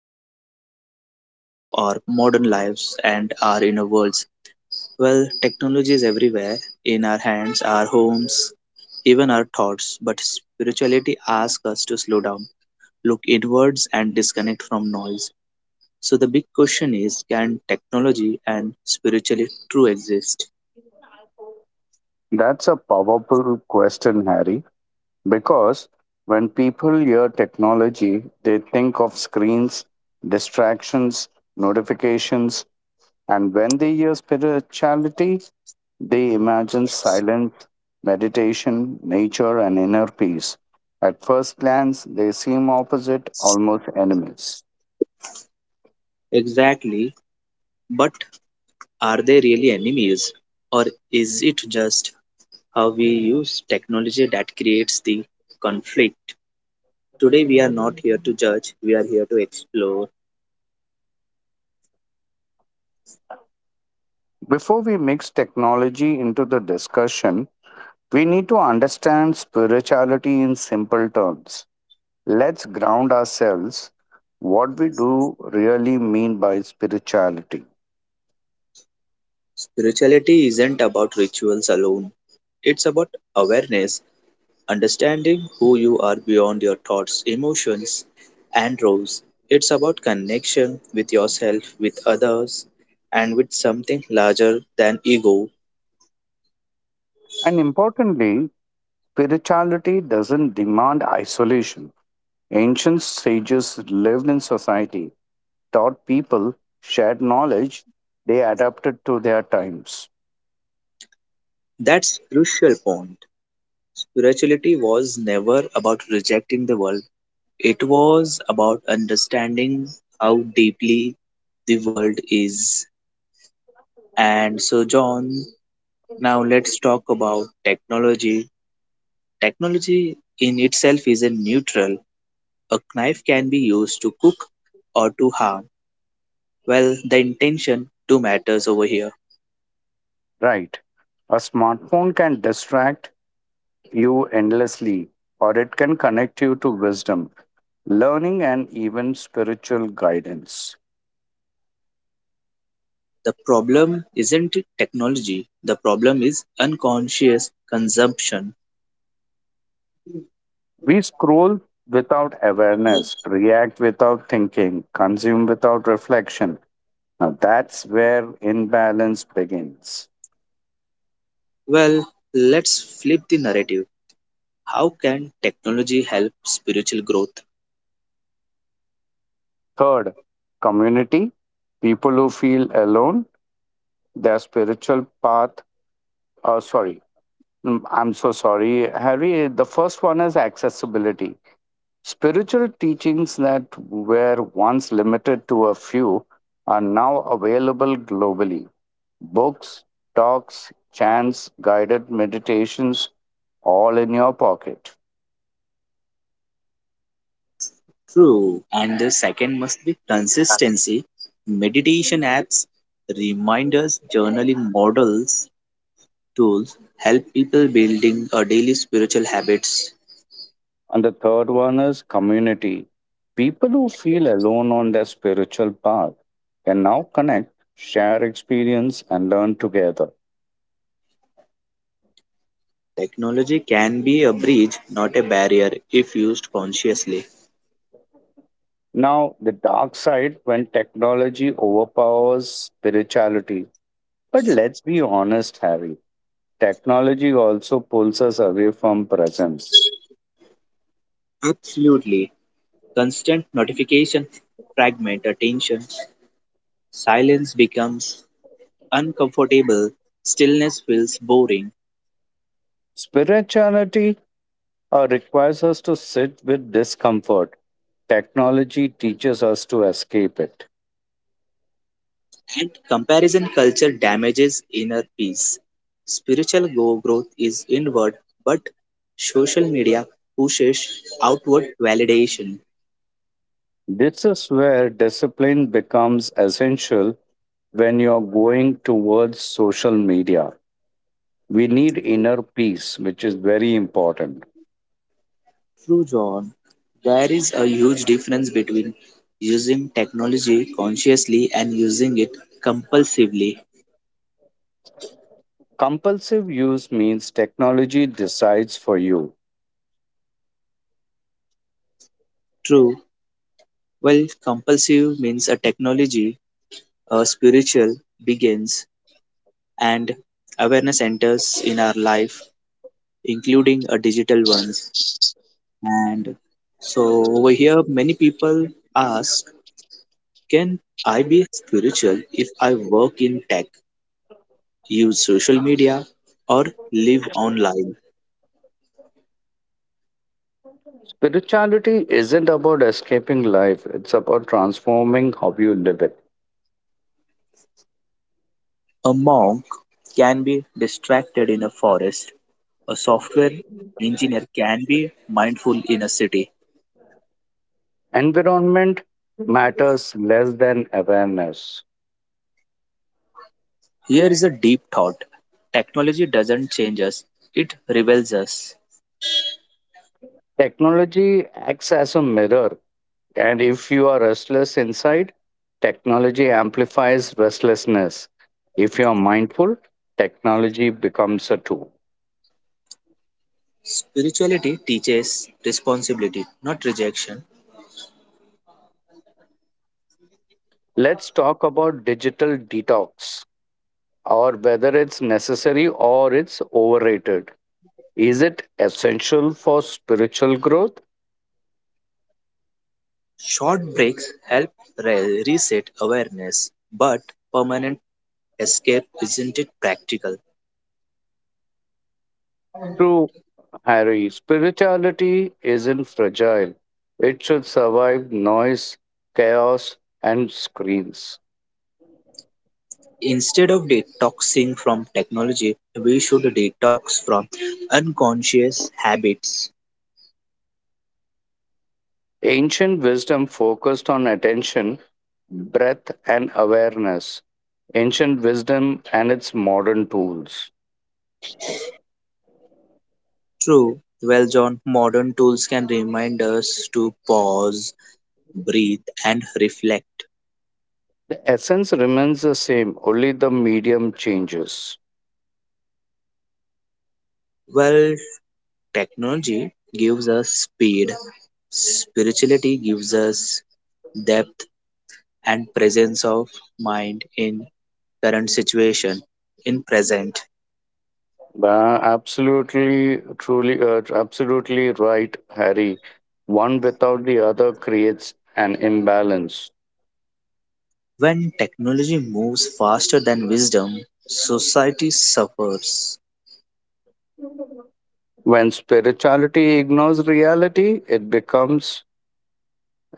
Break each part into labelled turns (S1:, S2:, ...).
S1: crossroads of our modern lives and our inner worlds. Well, technology is everywhere in our hands, our homes, even our thoughts, but spirituality asks us to slow down, look inwards, and disconnect from noise. So the big question is, can technology and spirituality true exist?
S2: That's a powerful question, Harry, because when people hear technology, they think of screens, distractions, notifications, and when they hear spirituality, they imagine silence, meditation, nature, and inner peace. At first glance, they seem opposite, almost enemies.
S1: Exactly. But are they really enemies, or is it just how we use technology that creates the conflict? Today, we are not here to judge, we are here to explore.
S2: Before we mix technology into the discussion, we need to understand spirituality in simple terms. Let's ground ourselves what we do really mean by spirituality.
S1: Spirituality isn't about rituals alone, it's about awareness, understanding who you are beyond your thoughts, emotions, and roles. It's about connection with yourself, with others, and with something larger than ego.
S2: And importantly, spirituality doesn't demand isolation. Ancient sages lived in society, taught people, shared knowledge, they adapted to their times.
S1: That's crucial point. Spirituality was never about rejecting the world. It was about understanding how deeply the world is. And so, John, now let's talk about technology. Technology in itself isn't neutral. A knife can be used to cook or to harm. Well, the intention do matters over here.
S2: Right. A smartphone can distract you endlessly, or it can connect you to wisdom, learning, and even spiritual guidance.
S1: The problem isn't technology. The problem is unconscious consumption.
S2: We scroll without awareness, react without thinking, consume without reflection. Now that's where imbalance begins.
S1: Well, let's flip the narrative. How can technology help spiritual growth?
S2: Third, community. People who feel alone, their spiritual path. Oh, sorry. I'm so sorry, Harry. The first one is accessibility. Spiritual teachings that were once limited to a few are now available globally. Books, talks, chants, guided meditations, all in your pocket.
S1: True. And the second must be consistency. Meditation apps, reminders, journaling models, tools help people building a daily spiritual habits.
S2: And the third one is community. People who feel alone on their spiritual path can now connect, share experience, and learn together.
S1: Technology can be a bridge, not a barrier, if used consciously.
S2: Now, the dark side when technology overpowers spirituality. But let's be honest, Harry. Technology also pulls us away from presence.
S1: Absolutely. Constant notification fragment attention. Silence becomes uncomfortable. Stillness feels boring.
S2: Spirituality requires us to sit with discomfort. Technology teaches us to escape it.
S1: And comparison culture damages inner peace. Spiritual growth is inward, but social media pushes outward validation.
S2: This is where discipline becomes essential when you're going towards social media. We need inner peace, which is very important.
S1: True, John. There is a huge difference between using technology consciously and using it compulsively.
S2: Compulsive use means technology decides for you.
S1: True. Well, compulsive means a technology, a spiritual begins, and awareness enters in our life, including a digital ones. And so over here, many people ask, can I be spiritual if I work in tech, use social media, or live online?
S2: Spirituality isn't about escaping life, it's about transforming how you live it.
S1: A monk can be distracted in a forest. A software engineer can be mindful in a city.
S2: Environment matters less than awareness.
S1: Here is a deep thought. Technology doesn't change us, it rebels us.
S2: Technology acts as a mirror, and if you are restless inside, technology amplifies restlessness. If you are mindful, technology becomes a tool.
S1: Spirituality teaches responsibility, not rejection.
S2: Let's talk about digital detox or whether it's necessary or it's overrated. Is it essential for spiritual growth?
S1: Short breaks help reset awareness, but permanent escape isn't it practical.
S2: True, Harry. Spirituality isn't fragile, it should survive noise, chaos, and screens.
S1: Instead of detoxing from technology, we should detox from unconscious habits.
S2: Ancient wisdom focused on attention, breath, and awareness. Ancient wisdom and its modern tools.
S1: True, well, John, modern tools can remind us to pause, breathe, and reflect.
S2: The essence remains the same, only the medium changes.
S1: Well, technology gives us speed, spirituality gives us depth and presence of mind in current situation in present
S2: Absolutely right, Harry. One without the other creates an imbalance.
S1: when technology moves faster than wisdom society suffers.
S2: When spirituality ignores reality, it becomes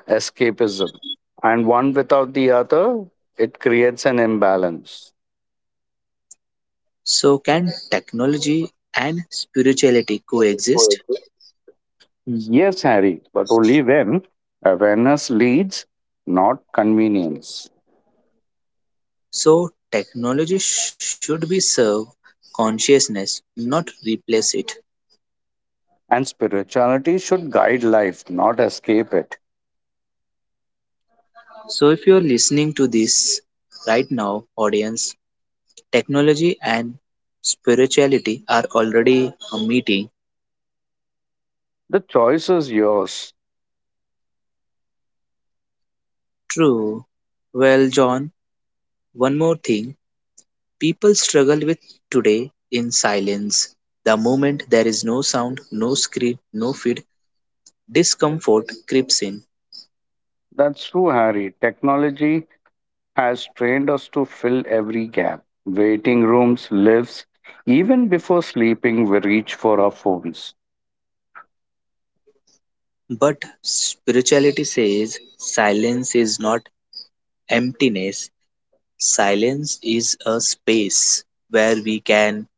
S2: escapism. And one without the other, it creates an imbalance.
S1: So can technology and spirituality coexist?
S2: Yes, Harry, but only when awareness leads, not convenience.
S1: So technology should be serve consciousness, not replace it.
S2: And spirituality should guide life, not escape it.
S1: So if you're listening to this right now, audience, technology and spirituality are already a meeting.
S2: The choice is yours.
S1: True. Well, John, one more thing people struggle with today in silence. The moment there is no sound, no screen, no feed, discomfort creeps in.
S2: That's true, Harry. Technology has trained us to fill every gap, waiting rooms, lifts. Even before sleeping, we reach for our phones.
S1: But spirituality says silence is not emptiness, silence is a space where we can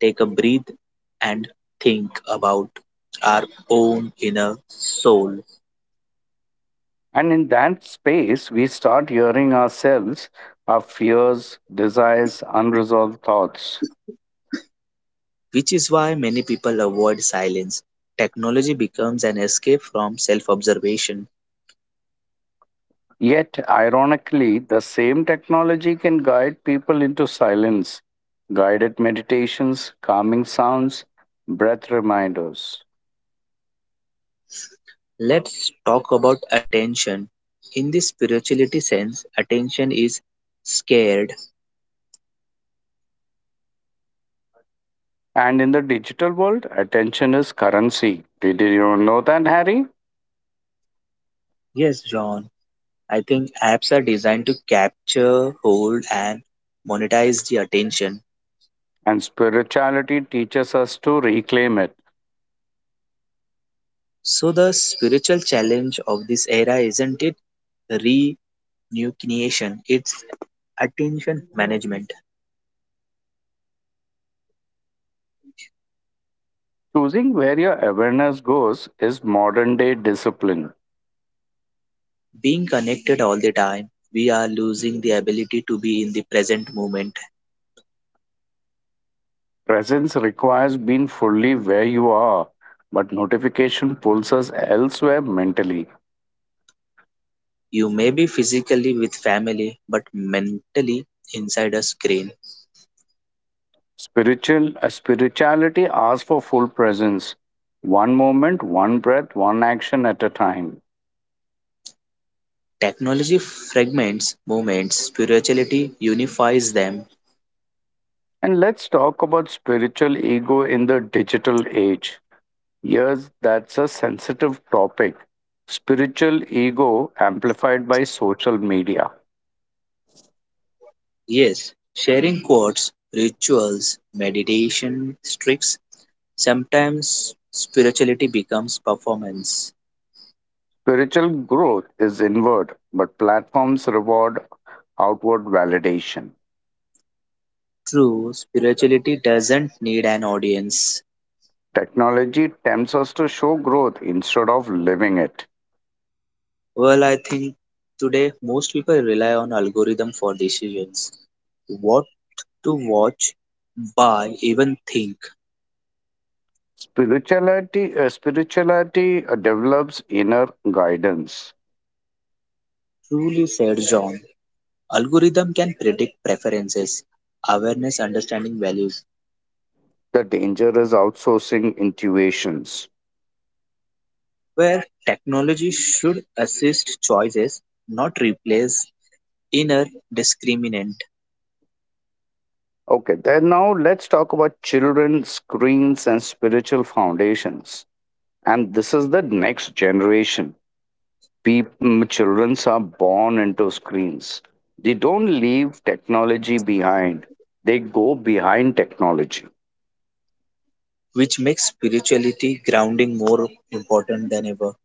S1: take a breath and think about our own inner soul.
S2: And in that space, we start hearing ourselves, our fears, desires, unresolved thoughts.
S1: Which is why many people avoid silence. Technology becomes an escape from self observation.
S2: Yet, ironically, the same technology can guide people into silence, guided meditations, calming sounds, breath reminders.
S1: Let's talk about attention. In the spirituality sense, attention is scared.
S2: And in the digital world, attention is currency. Did you know that, Harry?
S1: Yes, John, I think apps are designed to capture, hold, and monetize the attention.
S2: And spirituality teaches us to reclaim it.
S1: So, the spiritual challenge of this era isn't it renunciation, it's attention management.
S2: Choosing where your awareness goes is modern day discipline.
S1: Being connected all the time, we are losing the ability to be in the present moment.
S2: Presence requires being fully where you are, but notification pulls us elsewhere mentally.
S1: You may be physically with family, but mentally inside a screen.
S2: Spirituality asks for full presence. One moment, one breath, one action at a time.
S1: Technology fragments moments, spirituality unifies them.
S2: And let's talk about spiritual ego in the digital age. Yes, that's a sensitive topic. Spiritual ego amplified by social media.
S1: Yes, sharing quotes, rituals, meditation, tricks, sometimes spirituality becomes performance.
S2: Spiritual growth is inward, but platforms reward outward validation.
S1: True, spirituality doesn't need an audience.
S2: Technology tempts us to show growth instead of living it.
S1: Well, I think today most people rely on algorithm for decisions. What to watch, buy, even think.
S2: Spirituality develops inner guidance.
S1: Truly said John. Algorithm can predict preferences, awareness, understanding values,
S2: The danger is outsourcing intuitions.
S1: where technology should assist choices, not replace inner discriminant.
S2: Okay, then now let's talk about children, screens, and spiritual foundations. And this is the next generation. People, children are born into screens. They don't leave technology behind. They go behind technology.
S1: Which makes spirituality grounding more important than ever.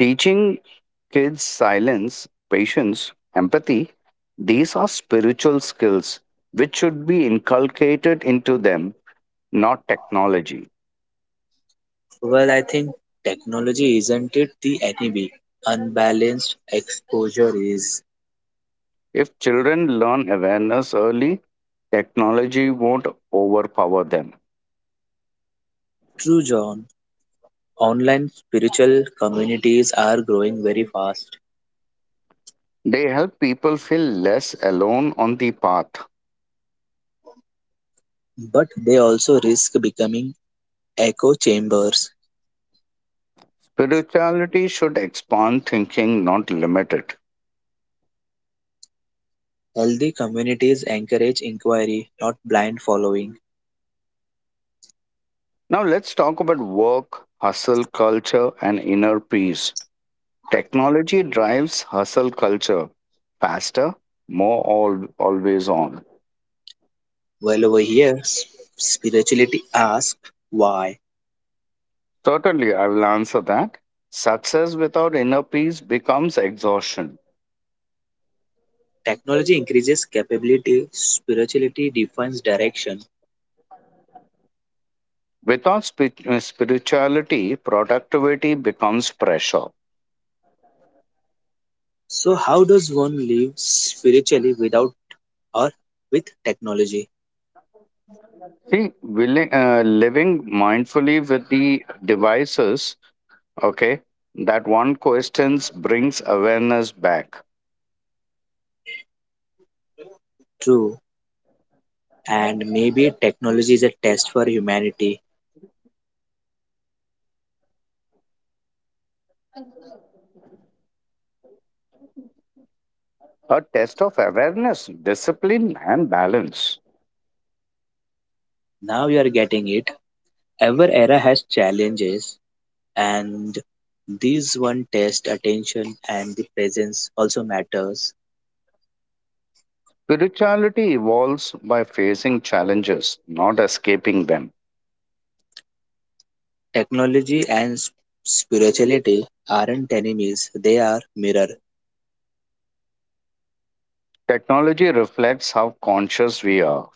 S2: Teaching kids, silence, patience, empathy, these are spiritual skills which should be inculcated into them, not technology.
S1: Well, I think technology isn't it the enemy. Unbalanced exposure is
S2: If children learn awareness early, technology won't overpower them.
S1: true, John. Online spiritual communities are growing very fast,
S2: They help people feel less alone on the path.
S1: but they also risk becoming echo chambers.
S2: Spirituality should expand thinking, not limit it.
S1: Healthy communities encourage inquiry, not blind following.
S2: Now, let's talk about work, hustle, culture, and inner peace. Technology drives hustle culture, faster, more all, always on.
S1: Well, over here, spirituality asks why.
S2: Certainly, I will answer that. Success without inner peace becomes exhaustion.
S1: Technology increases capability, spirituality defines direction.
S2: Without spirituality, productivity becomes pressure.
S1: So, how does one live spiritually without or with technology?
S2: Living mindfully with the devices, okay, that one questions brings awareness back.
S1: True, and maybe technology is a test for humanity.
S2: A test of awareness, discipline, and balance.
S1: Now you are getting it. Every era has challenges, and these one test attention and the presence also matters.
S2: Spirituality evolves by facing challenges, not escaping them.
S1: Technology and spirituality aren't enemies; they are mirror.
S2: Technology reflects how conscious we are.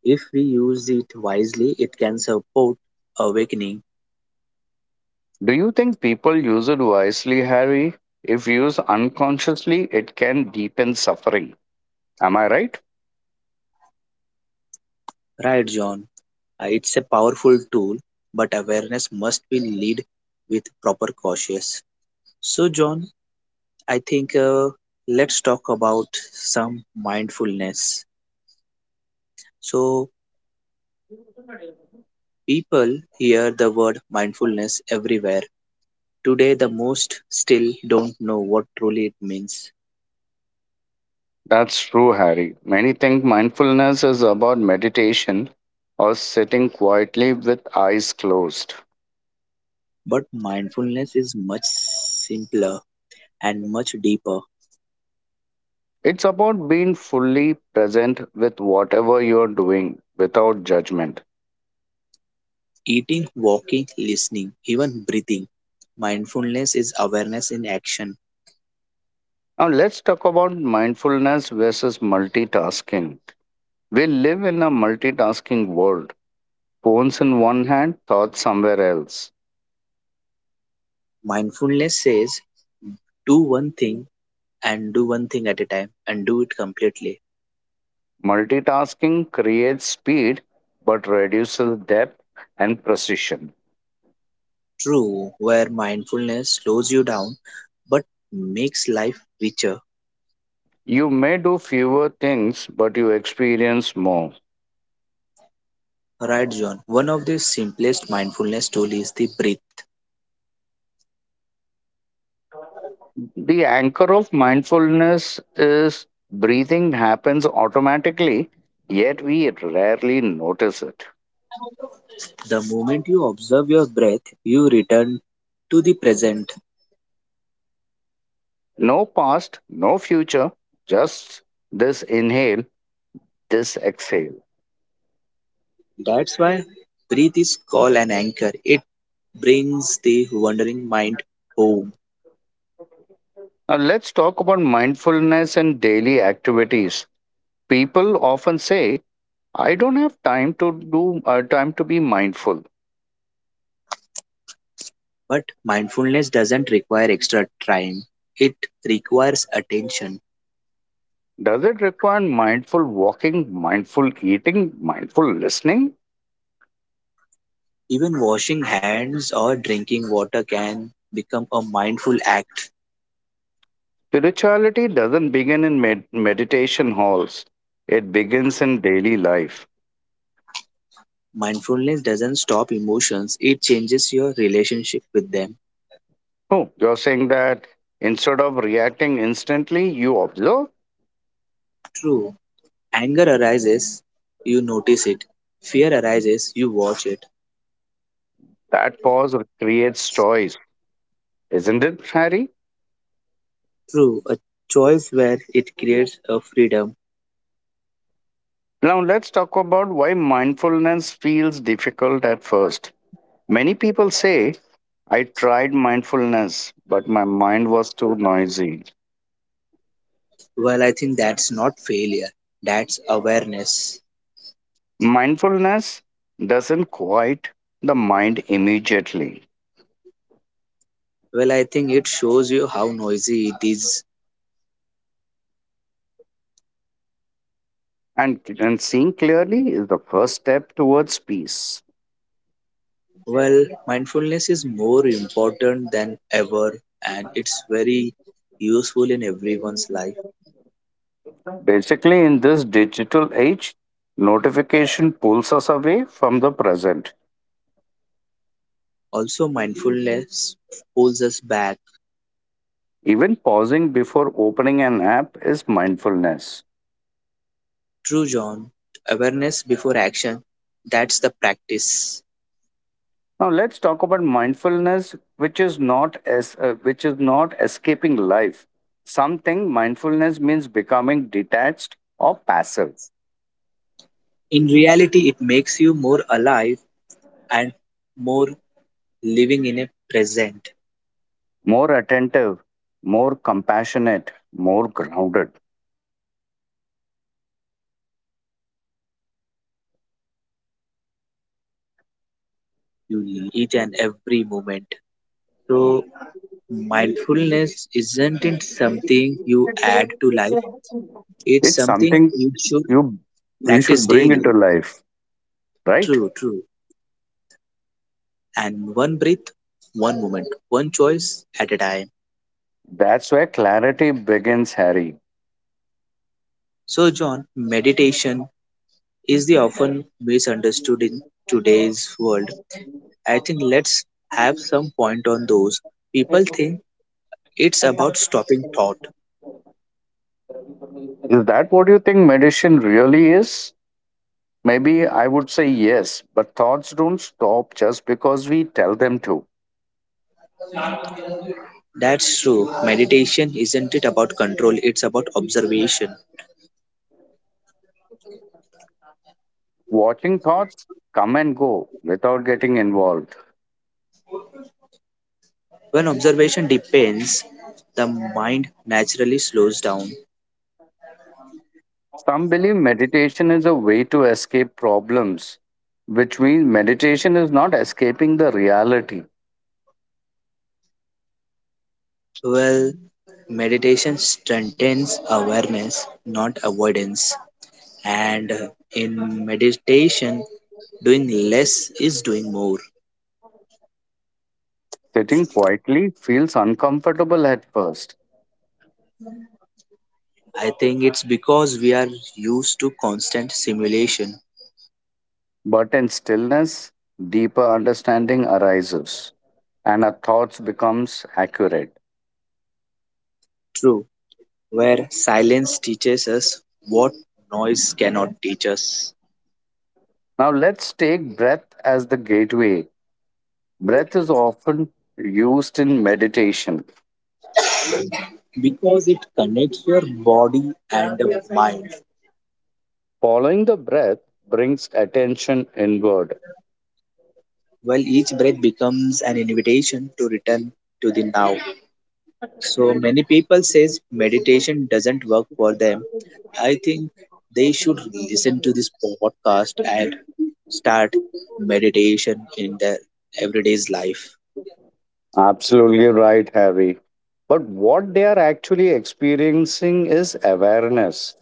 S1: If we use it wisely, it can support awakening.
S2: Do you think people use it wisely, Harry? If used unconsciously, it can deepen suffering. Am I right?
S1: Right, John? It's a powerful tool, but awareness must be lead with proper cautious. So, John, I think let's talk about some mindfulness. So, people hear the word mindfulness everywhere. Today, the most still don't know what truly it means.
S2: That's true, Harry. Many think mindfulness is about meditation or sitting quietly with eyes closed.
S1: But mindfulness is much simpler and much deeper.
S2: It's about being fully present with whatever you're doing without judgment.
S1: Eating, walking, listening, even breathing. Mindfulness is awareness in action.
S2: Now, let's talk about mindfulness versus multitasking. We live in a multitasking world. Phones in one hand, thoughts somewhere else.
S1: Mindfulness says, do one thing and do one thing at a time and do it completely.
S2: Multitasking creates speed but reduces depth and precision.
S1: True, where mindfulness slows you down but makes life richer.
S2: You may do fewer things, but you experience more.
S1: Right, John. One of the simplest mindfulness tools is the breath.
S2: The anchor of mindfulness is breathing happens automatically, yet we rarely notice it.
S1: The moment you observe your breath, you return to the present.
S2: No past, no future, just this inhale, this exhale.
S1: That's why breath is called an anchor. It brings the wandering mind home.
S2: Now let's talk about mindfulness and daily activities. People often say, I don't have time to do time to be mindful.
S1: But mindfulness doesn't require extra time, it requires attention.
S2: Does it require mindful walking, mindful eating, mindful listening?
S1: Even washing hands or drinking water can become a mindful act.
S2: Spirituality doesn't begin in meditation halls. It begins in daily life.
S1: Mindfulness doesn't stop emotions, it changes your relationship with them.
S2: Oh, you're saying that instead of reacting instantly, you observe?
S1: True. Anger arises, you notice it. Fear arises, you watch it.
S2: That pause creates choice, isn't it, Harry?
S1: True. A choice where it creates a freedom.
S2: Now let's talk about why mindfulness feels difficult at first. Many people say, I tried mindfulness, but my mind was too noisy.
S1: Well, I think that's not failure, that's awareness.
S2: Mindfulness doesn't quiet the mind immediately,
S1: Well, I think it shows you how noisy it is.
S2: and seeing clearly is the first step towards peace.
S1: Well, mindfulness is more important than ever and it's very useful in everyone's life.
S2: Basically, in this digital age, notification pulls us away from the present.
S1: Also, mindfulness pulls us back.
S2: Even pausing before opening an app is mindfulness.
S1: True, John. Awareness before action. That's the practice.
S2: Now let's talk about mindfulness, which is not as which is not escaping life. Something mindfulness means becoming detached or passive,
S1: In reality, it makes you more alive and more living in a present.
S2: more attentive, more compassionate, more grounded.
S1: True. You don't escape life. You met it fully. You live it fully. You live in each and every moment. So, mindfulness isn't something you add to life, it's
S2: It's
S1: something
S2: something
S1: you should
S2: you you should
S1: practice
S2: bring into
S1: daily.
S2: life, right?
S1: True, true. And one breath, one moment, one choice at a time.
S2: That's where clarity begins, Harry.
S1: So, John, meditation is the often misunderstood in today's world. I think let's have some point on those. People think it's about stopping thought.
S2: Is that what you think meditation really is? Maybe I would say yes, but thoughts don't stop just because we tell them to.
S1: That's true. Meditation isn't it about control, it's about observation.
S2: Watching thoughts come and go without getting involved.
S1: When observation depends, the mind naturally slows down.
S2: Some believe meditation is a way to escape problems, which means meditation is not escaping the reality.
S1: Well, meditation strengthens awareness, not avoidance. And in meditation, doing less is doing more.
S2: Sitting quietly feels uncomfortable at first.
S1: I think it's because we are used to constant simulation.
S2: But in stillness, deeper understanding arises and our thoughts becomes accurate.
S1: True, where silence teaches us what noise cannot teach us.
S2: Now let's take breath as the gateway. Breath is often used in meditation.
S1: Because it connects your body and mind.
S2: Following the breath brings attention inward.
S1: Well, each breath becomes an invitation to return to the now. So many people says meditation doesn't work for them. I think they should listen to this podcast and start meditation in their everyday's life.
S2: Absolutely right, Harry. But what they are actually experiencing is awareness.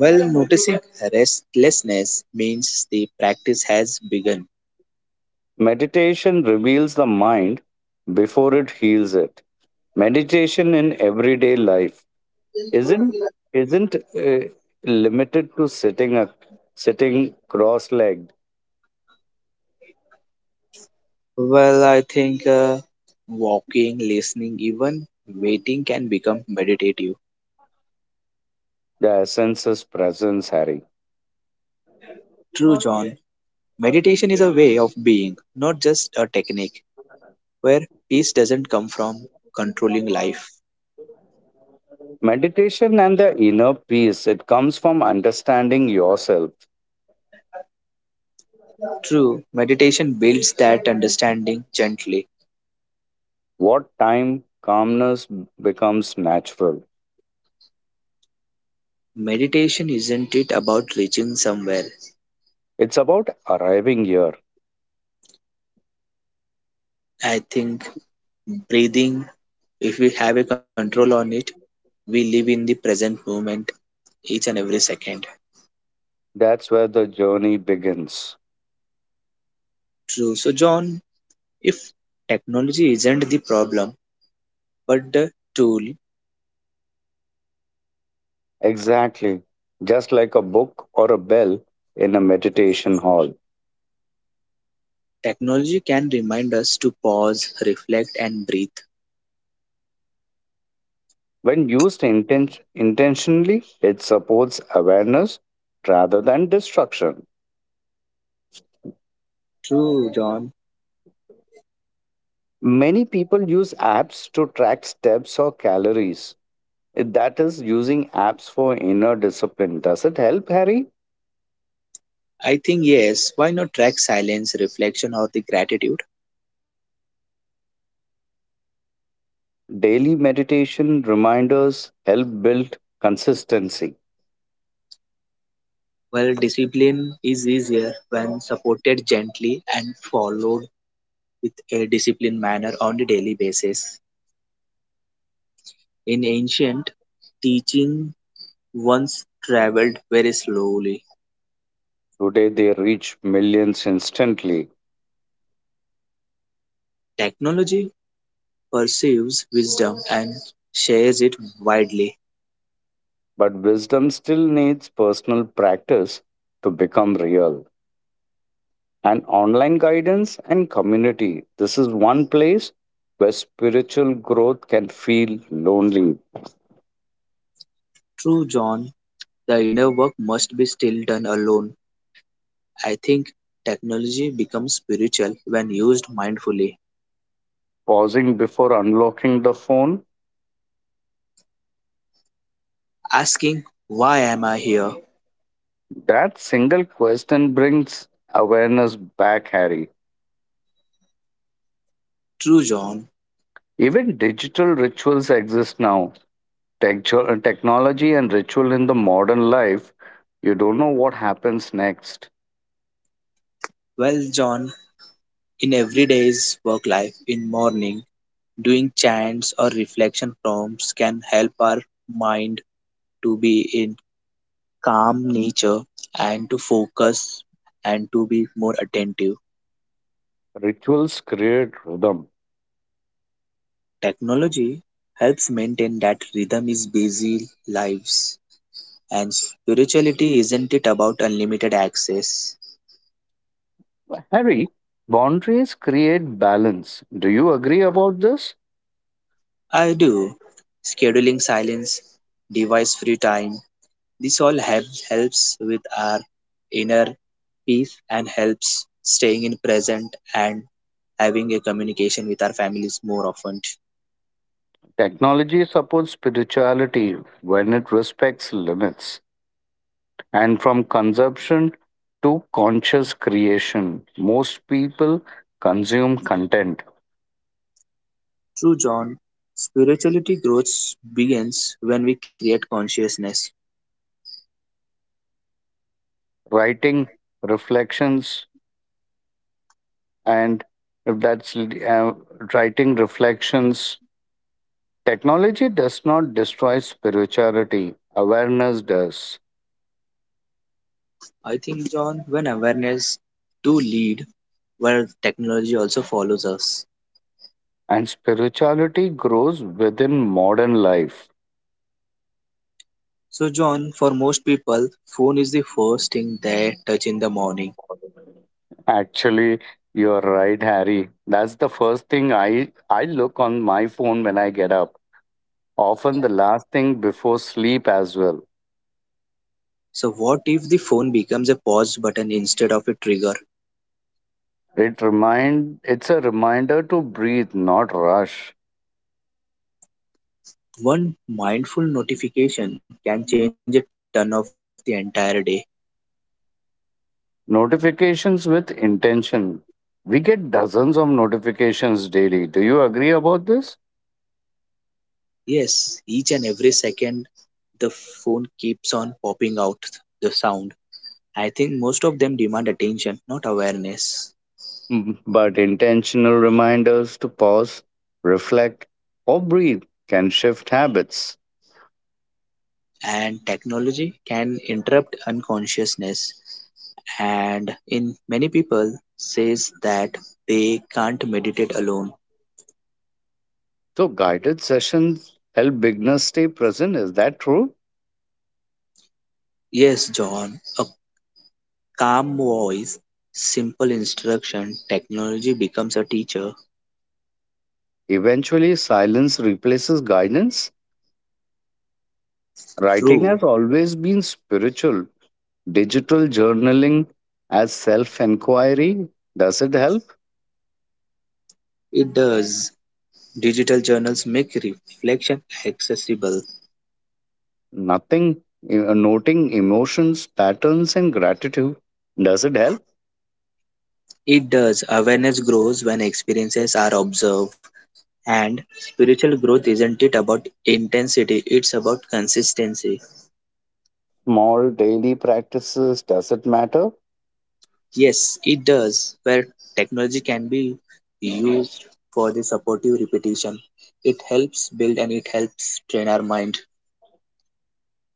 S1: Well, noticing restlessness means the practice has begun.
S2: Meditation reveals the mind before it heals it. Meditation in everyday life isn't isn't limited to sitting cross-legged.
S1: Well, I think walking, listening, even waiting can become meditative.
S2: The essence is presence, Harry.
S1: True, John. Meditation is a way of being, not just a technique, where peace doesn't come from controlling life.
S2: Meditation and the inner peace, it comes from understanding yourself.
S1: True, meditation builds that understanding gently.
S2: What time calmness becomes natural.
S1: Meditation isn't it about reaching somewhere.
S2: It's about arriving here.
S1: I think breathing, if we have a control on it, we live in the present moment each and every second.
S2: That's where the journey begins.
S1: True. So, John, if technology isn't the problem, but the tool,
S2: Exactly, just like a book or a bell in a meditation hall.
S1: technology can remind us to pause, reflect, and breathe.
S2: When used intentionally, it supports awareness rather than destruction.
S1: True, John.
S2: Many people use apps to track steps or calories. That is using apps for inner discipline. Does it help, Harry?
S1: I think yes. Why not track silence, reflection, or the gratitude?
S2: Daily meditation reminders help build consistency.
S1: Well, discipline is easier when supported gently and followed with a disciplined manner on a daily basis. In ancient, teaching once traveled very slowly.
S2: Today they reach millions instantly,
S1: Technology perceives wisdom and shares it widely.
S2: but wisdom still needs personal practice to become real. And online guidance and community. This is one place where spiritual growth can feel lonely.
S1: True, John, the inner work must be still done alone. I think technology becomes spiritual when used mindfully.
S2: Pausing before unlocking the phone,
S1: Asking "Why am I here?"
S2: that single question brings awareness back, Harry.
S1: True John,
S2: Even digital rituals exist now. Technology and ritual in the modern life, you don't know what happens next.
S1: well John, in everyday's work life, in morning, doing chants or reflection prompts can help our mind to be in calm nature and to focus and to be more attentive.
S2: Rituals create rhythm.
S1: Technology helps maintain that rhythm is busy lives and spirituality isn't it about unlimited access?
S2: Harry, boundaries create balance. Do you agree about this?
S1: I do scheduling silence, device free time, this all helps with our inner peace and helps staying in present and having a communication with our families more often.
S2: Technology supports spirituality when it respects limits, and from consumption to conscious creation. Most people consume content,
S1: True, John. Spirituality growth begins when we create consciousness.
S2: writing reflections, and if that's writing reflections, technology does not destroy spirituality, awareness does.
S1: I think, John, when awareness do lead, where technology also follows us.
S2: And spirituality grows within modern life.
S1: So, John, for most people, phone is the first thing they touch in the morning.
S2: Actually, you're right, Harry. That's the first thing I look on my phone when I get up. Often the last thing before sleep as well.
S1: So, what if the phone becomes a pause button instead of a trigger?
S2: It's a reminder to breathe, not rush.
S1: One mindful notification can change a turn of the entire day.
S2: Notifications with intention. We get dozens of notifications daily. Do you agree about this?
S1: Yes, each and every second the phone keeps on popping out the sound. I think most of them demand attention, not awareness.
S2: But intentional reminders to pause, reflect, or breathe can shift habits.
S1: And technology can interrupt unconsciousness. And in many people says that they can't meditate alone.
S2: So, guided sessions help beginners stay present. Is that true?
S1: Yes, John, a calm voice, simple instruction, technology becomes a teacher.
S2: Eventually, silence replaces guidance. Writing
S1: True.
S2: has always been spiritual. Digital journaling as self inquiry. Does it help?
S1: It does digital journals make reflection accessible.
S2: Nothing. E, Noting emotions, patterns, and gratitude. Does it help?
S1: It does awareness grows when experiences are observed. And spiritual growth isn't it about intensity, it's about consistency.
S2: Small daily practices. Does it matter?
S1: Yes, it does. Where technology can be used for the supportive repetition, it helps build and it helps train our mind.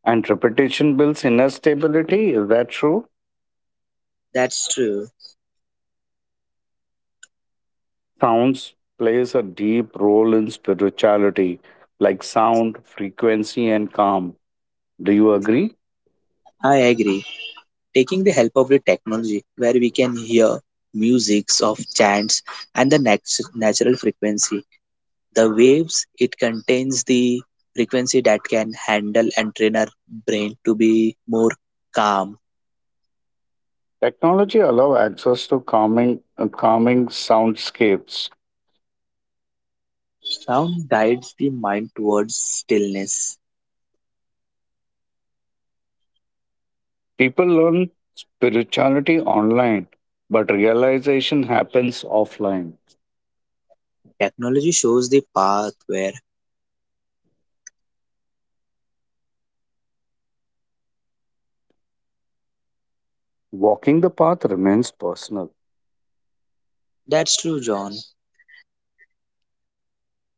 S2: And repetition builds inner stability. Is that true?
S1: That's true.
S2: Sounds plays a deep role in spirituality, like sound, frequency, and calm. Do you agree?
S1: I agree. Taking the help of the technology where we can hear musics of chants and the natural frequency, the waves it contains the frequency that can handle and train our brain to be more calm.
S2: Technology allow access to calming soundscapes.
S1: Sound guides the mind towards stillness.
S2: People learn spirituality online, but realization happens offline.
S1: Technology shows the path where
S2: Walking the path remains personal.
S1: that's true John.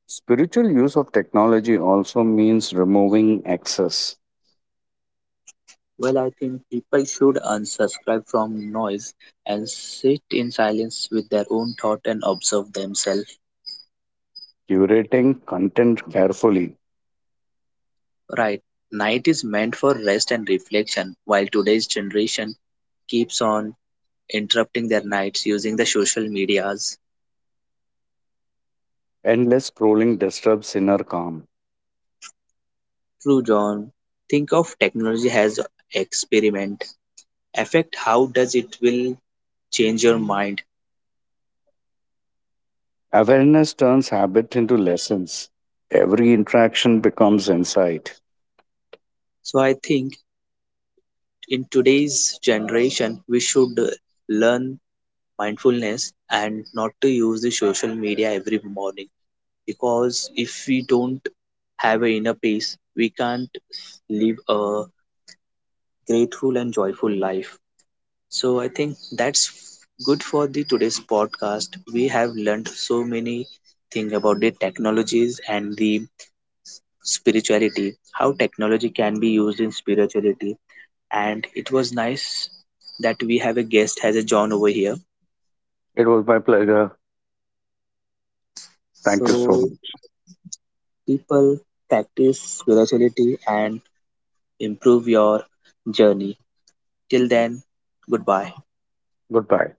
S2: Spiritual use of technology also means removing excess.
S1: Well, I think people should unsubscribe from noise and sit in silence with their own thought and observe themselves.
S2: Curating content carefully.
S1: Right. Night is meant for rest and reflection, while today's generation keeps on interrupting their nights using the social medias.
S2: Endless scrolling disturbs inner calm.
S1: True, John. Think of technology as experiment. Affect how does it will change your mind.
S2: Awareness turns habit into lessons. Every interaction becomes insight.
S1: So I think in today's generation we should learn mindfulness and not to use the social media every morning because if we don't have a inner peace we can't live a grateful and joyful life. So I think that's good for the today's podcast. We have learned so many things about the technologies and the spirituality, how technology can be used in spirituality. And it was nice that we have a guest as a John over here.
S2: It was my pleasure. Thank you so
S1: So
S2: much.
S1: people, practice spirituality and improve your journey. Till then, goodbye.
S2: Goodbye.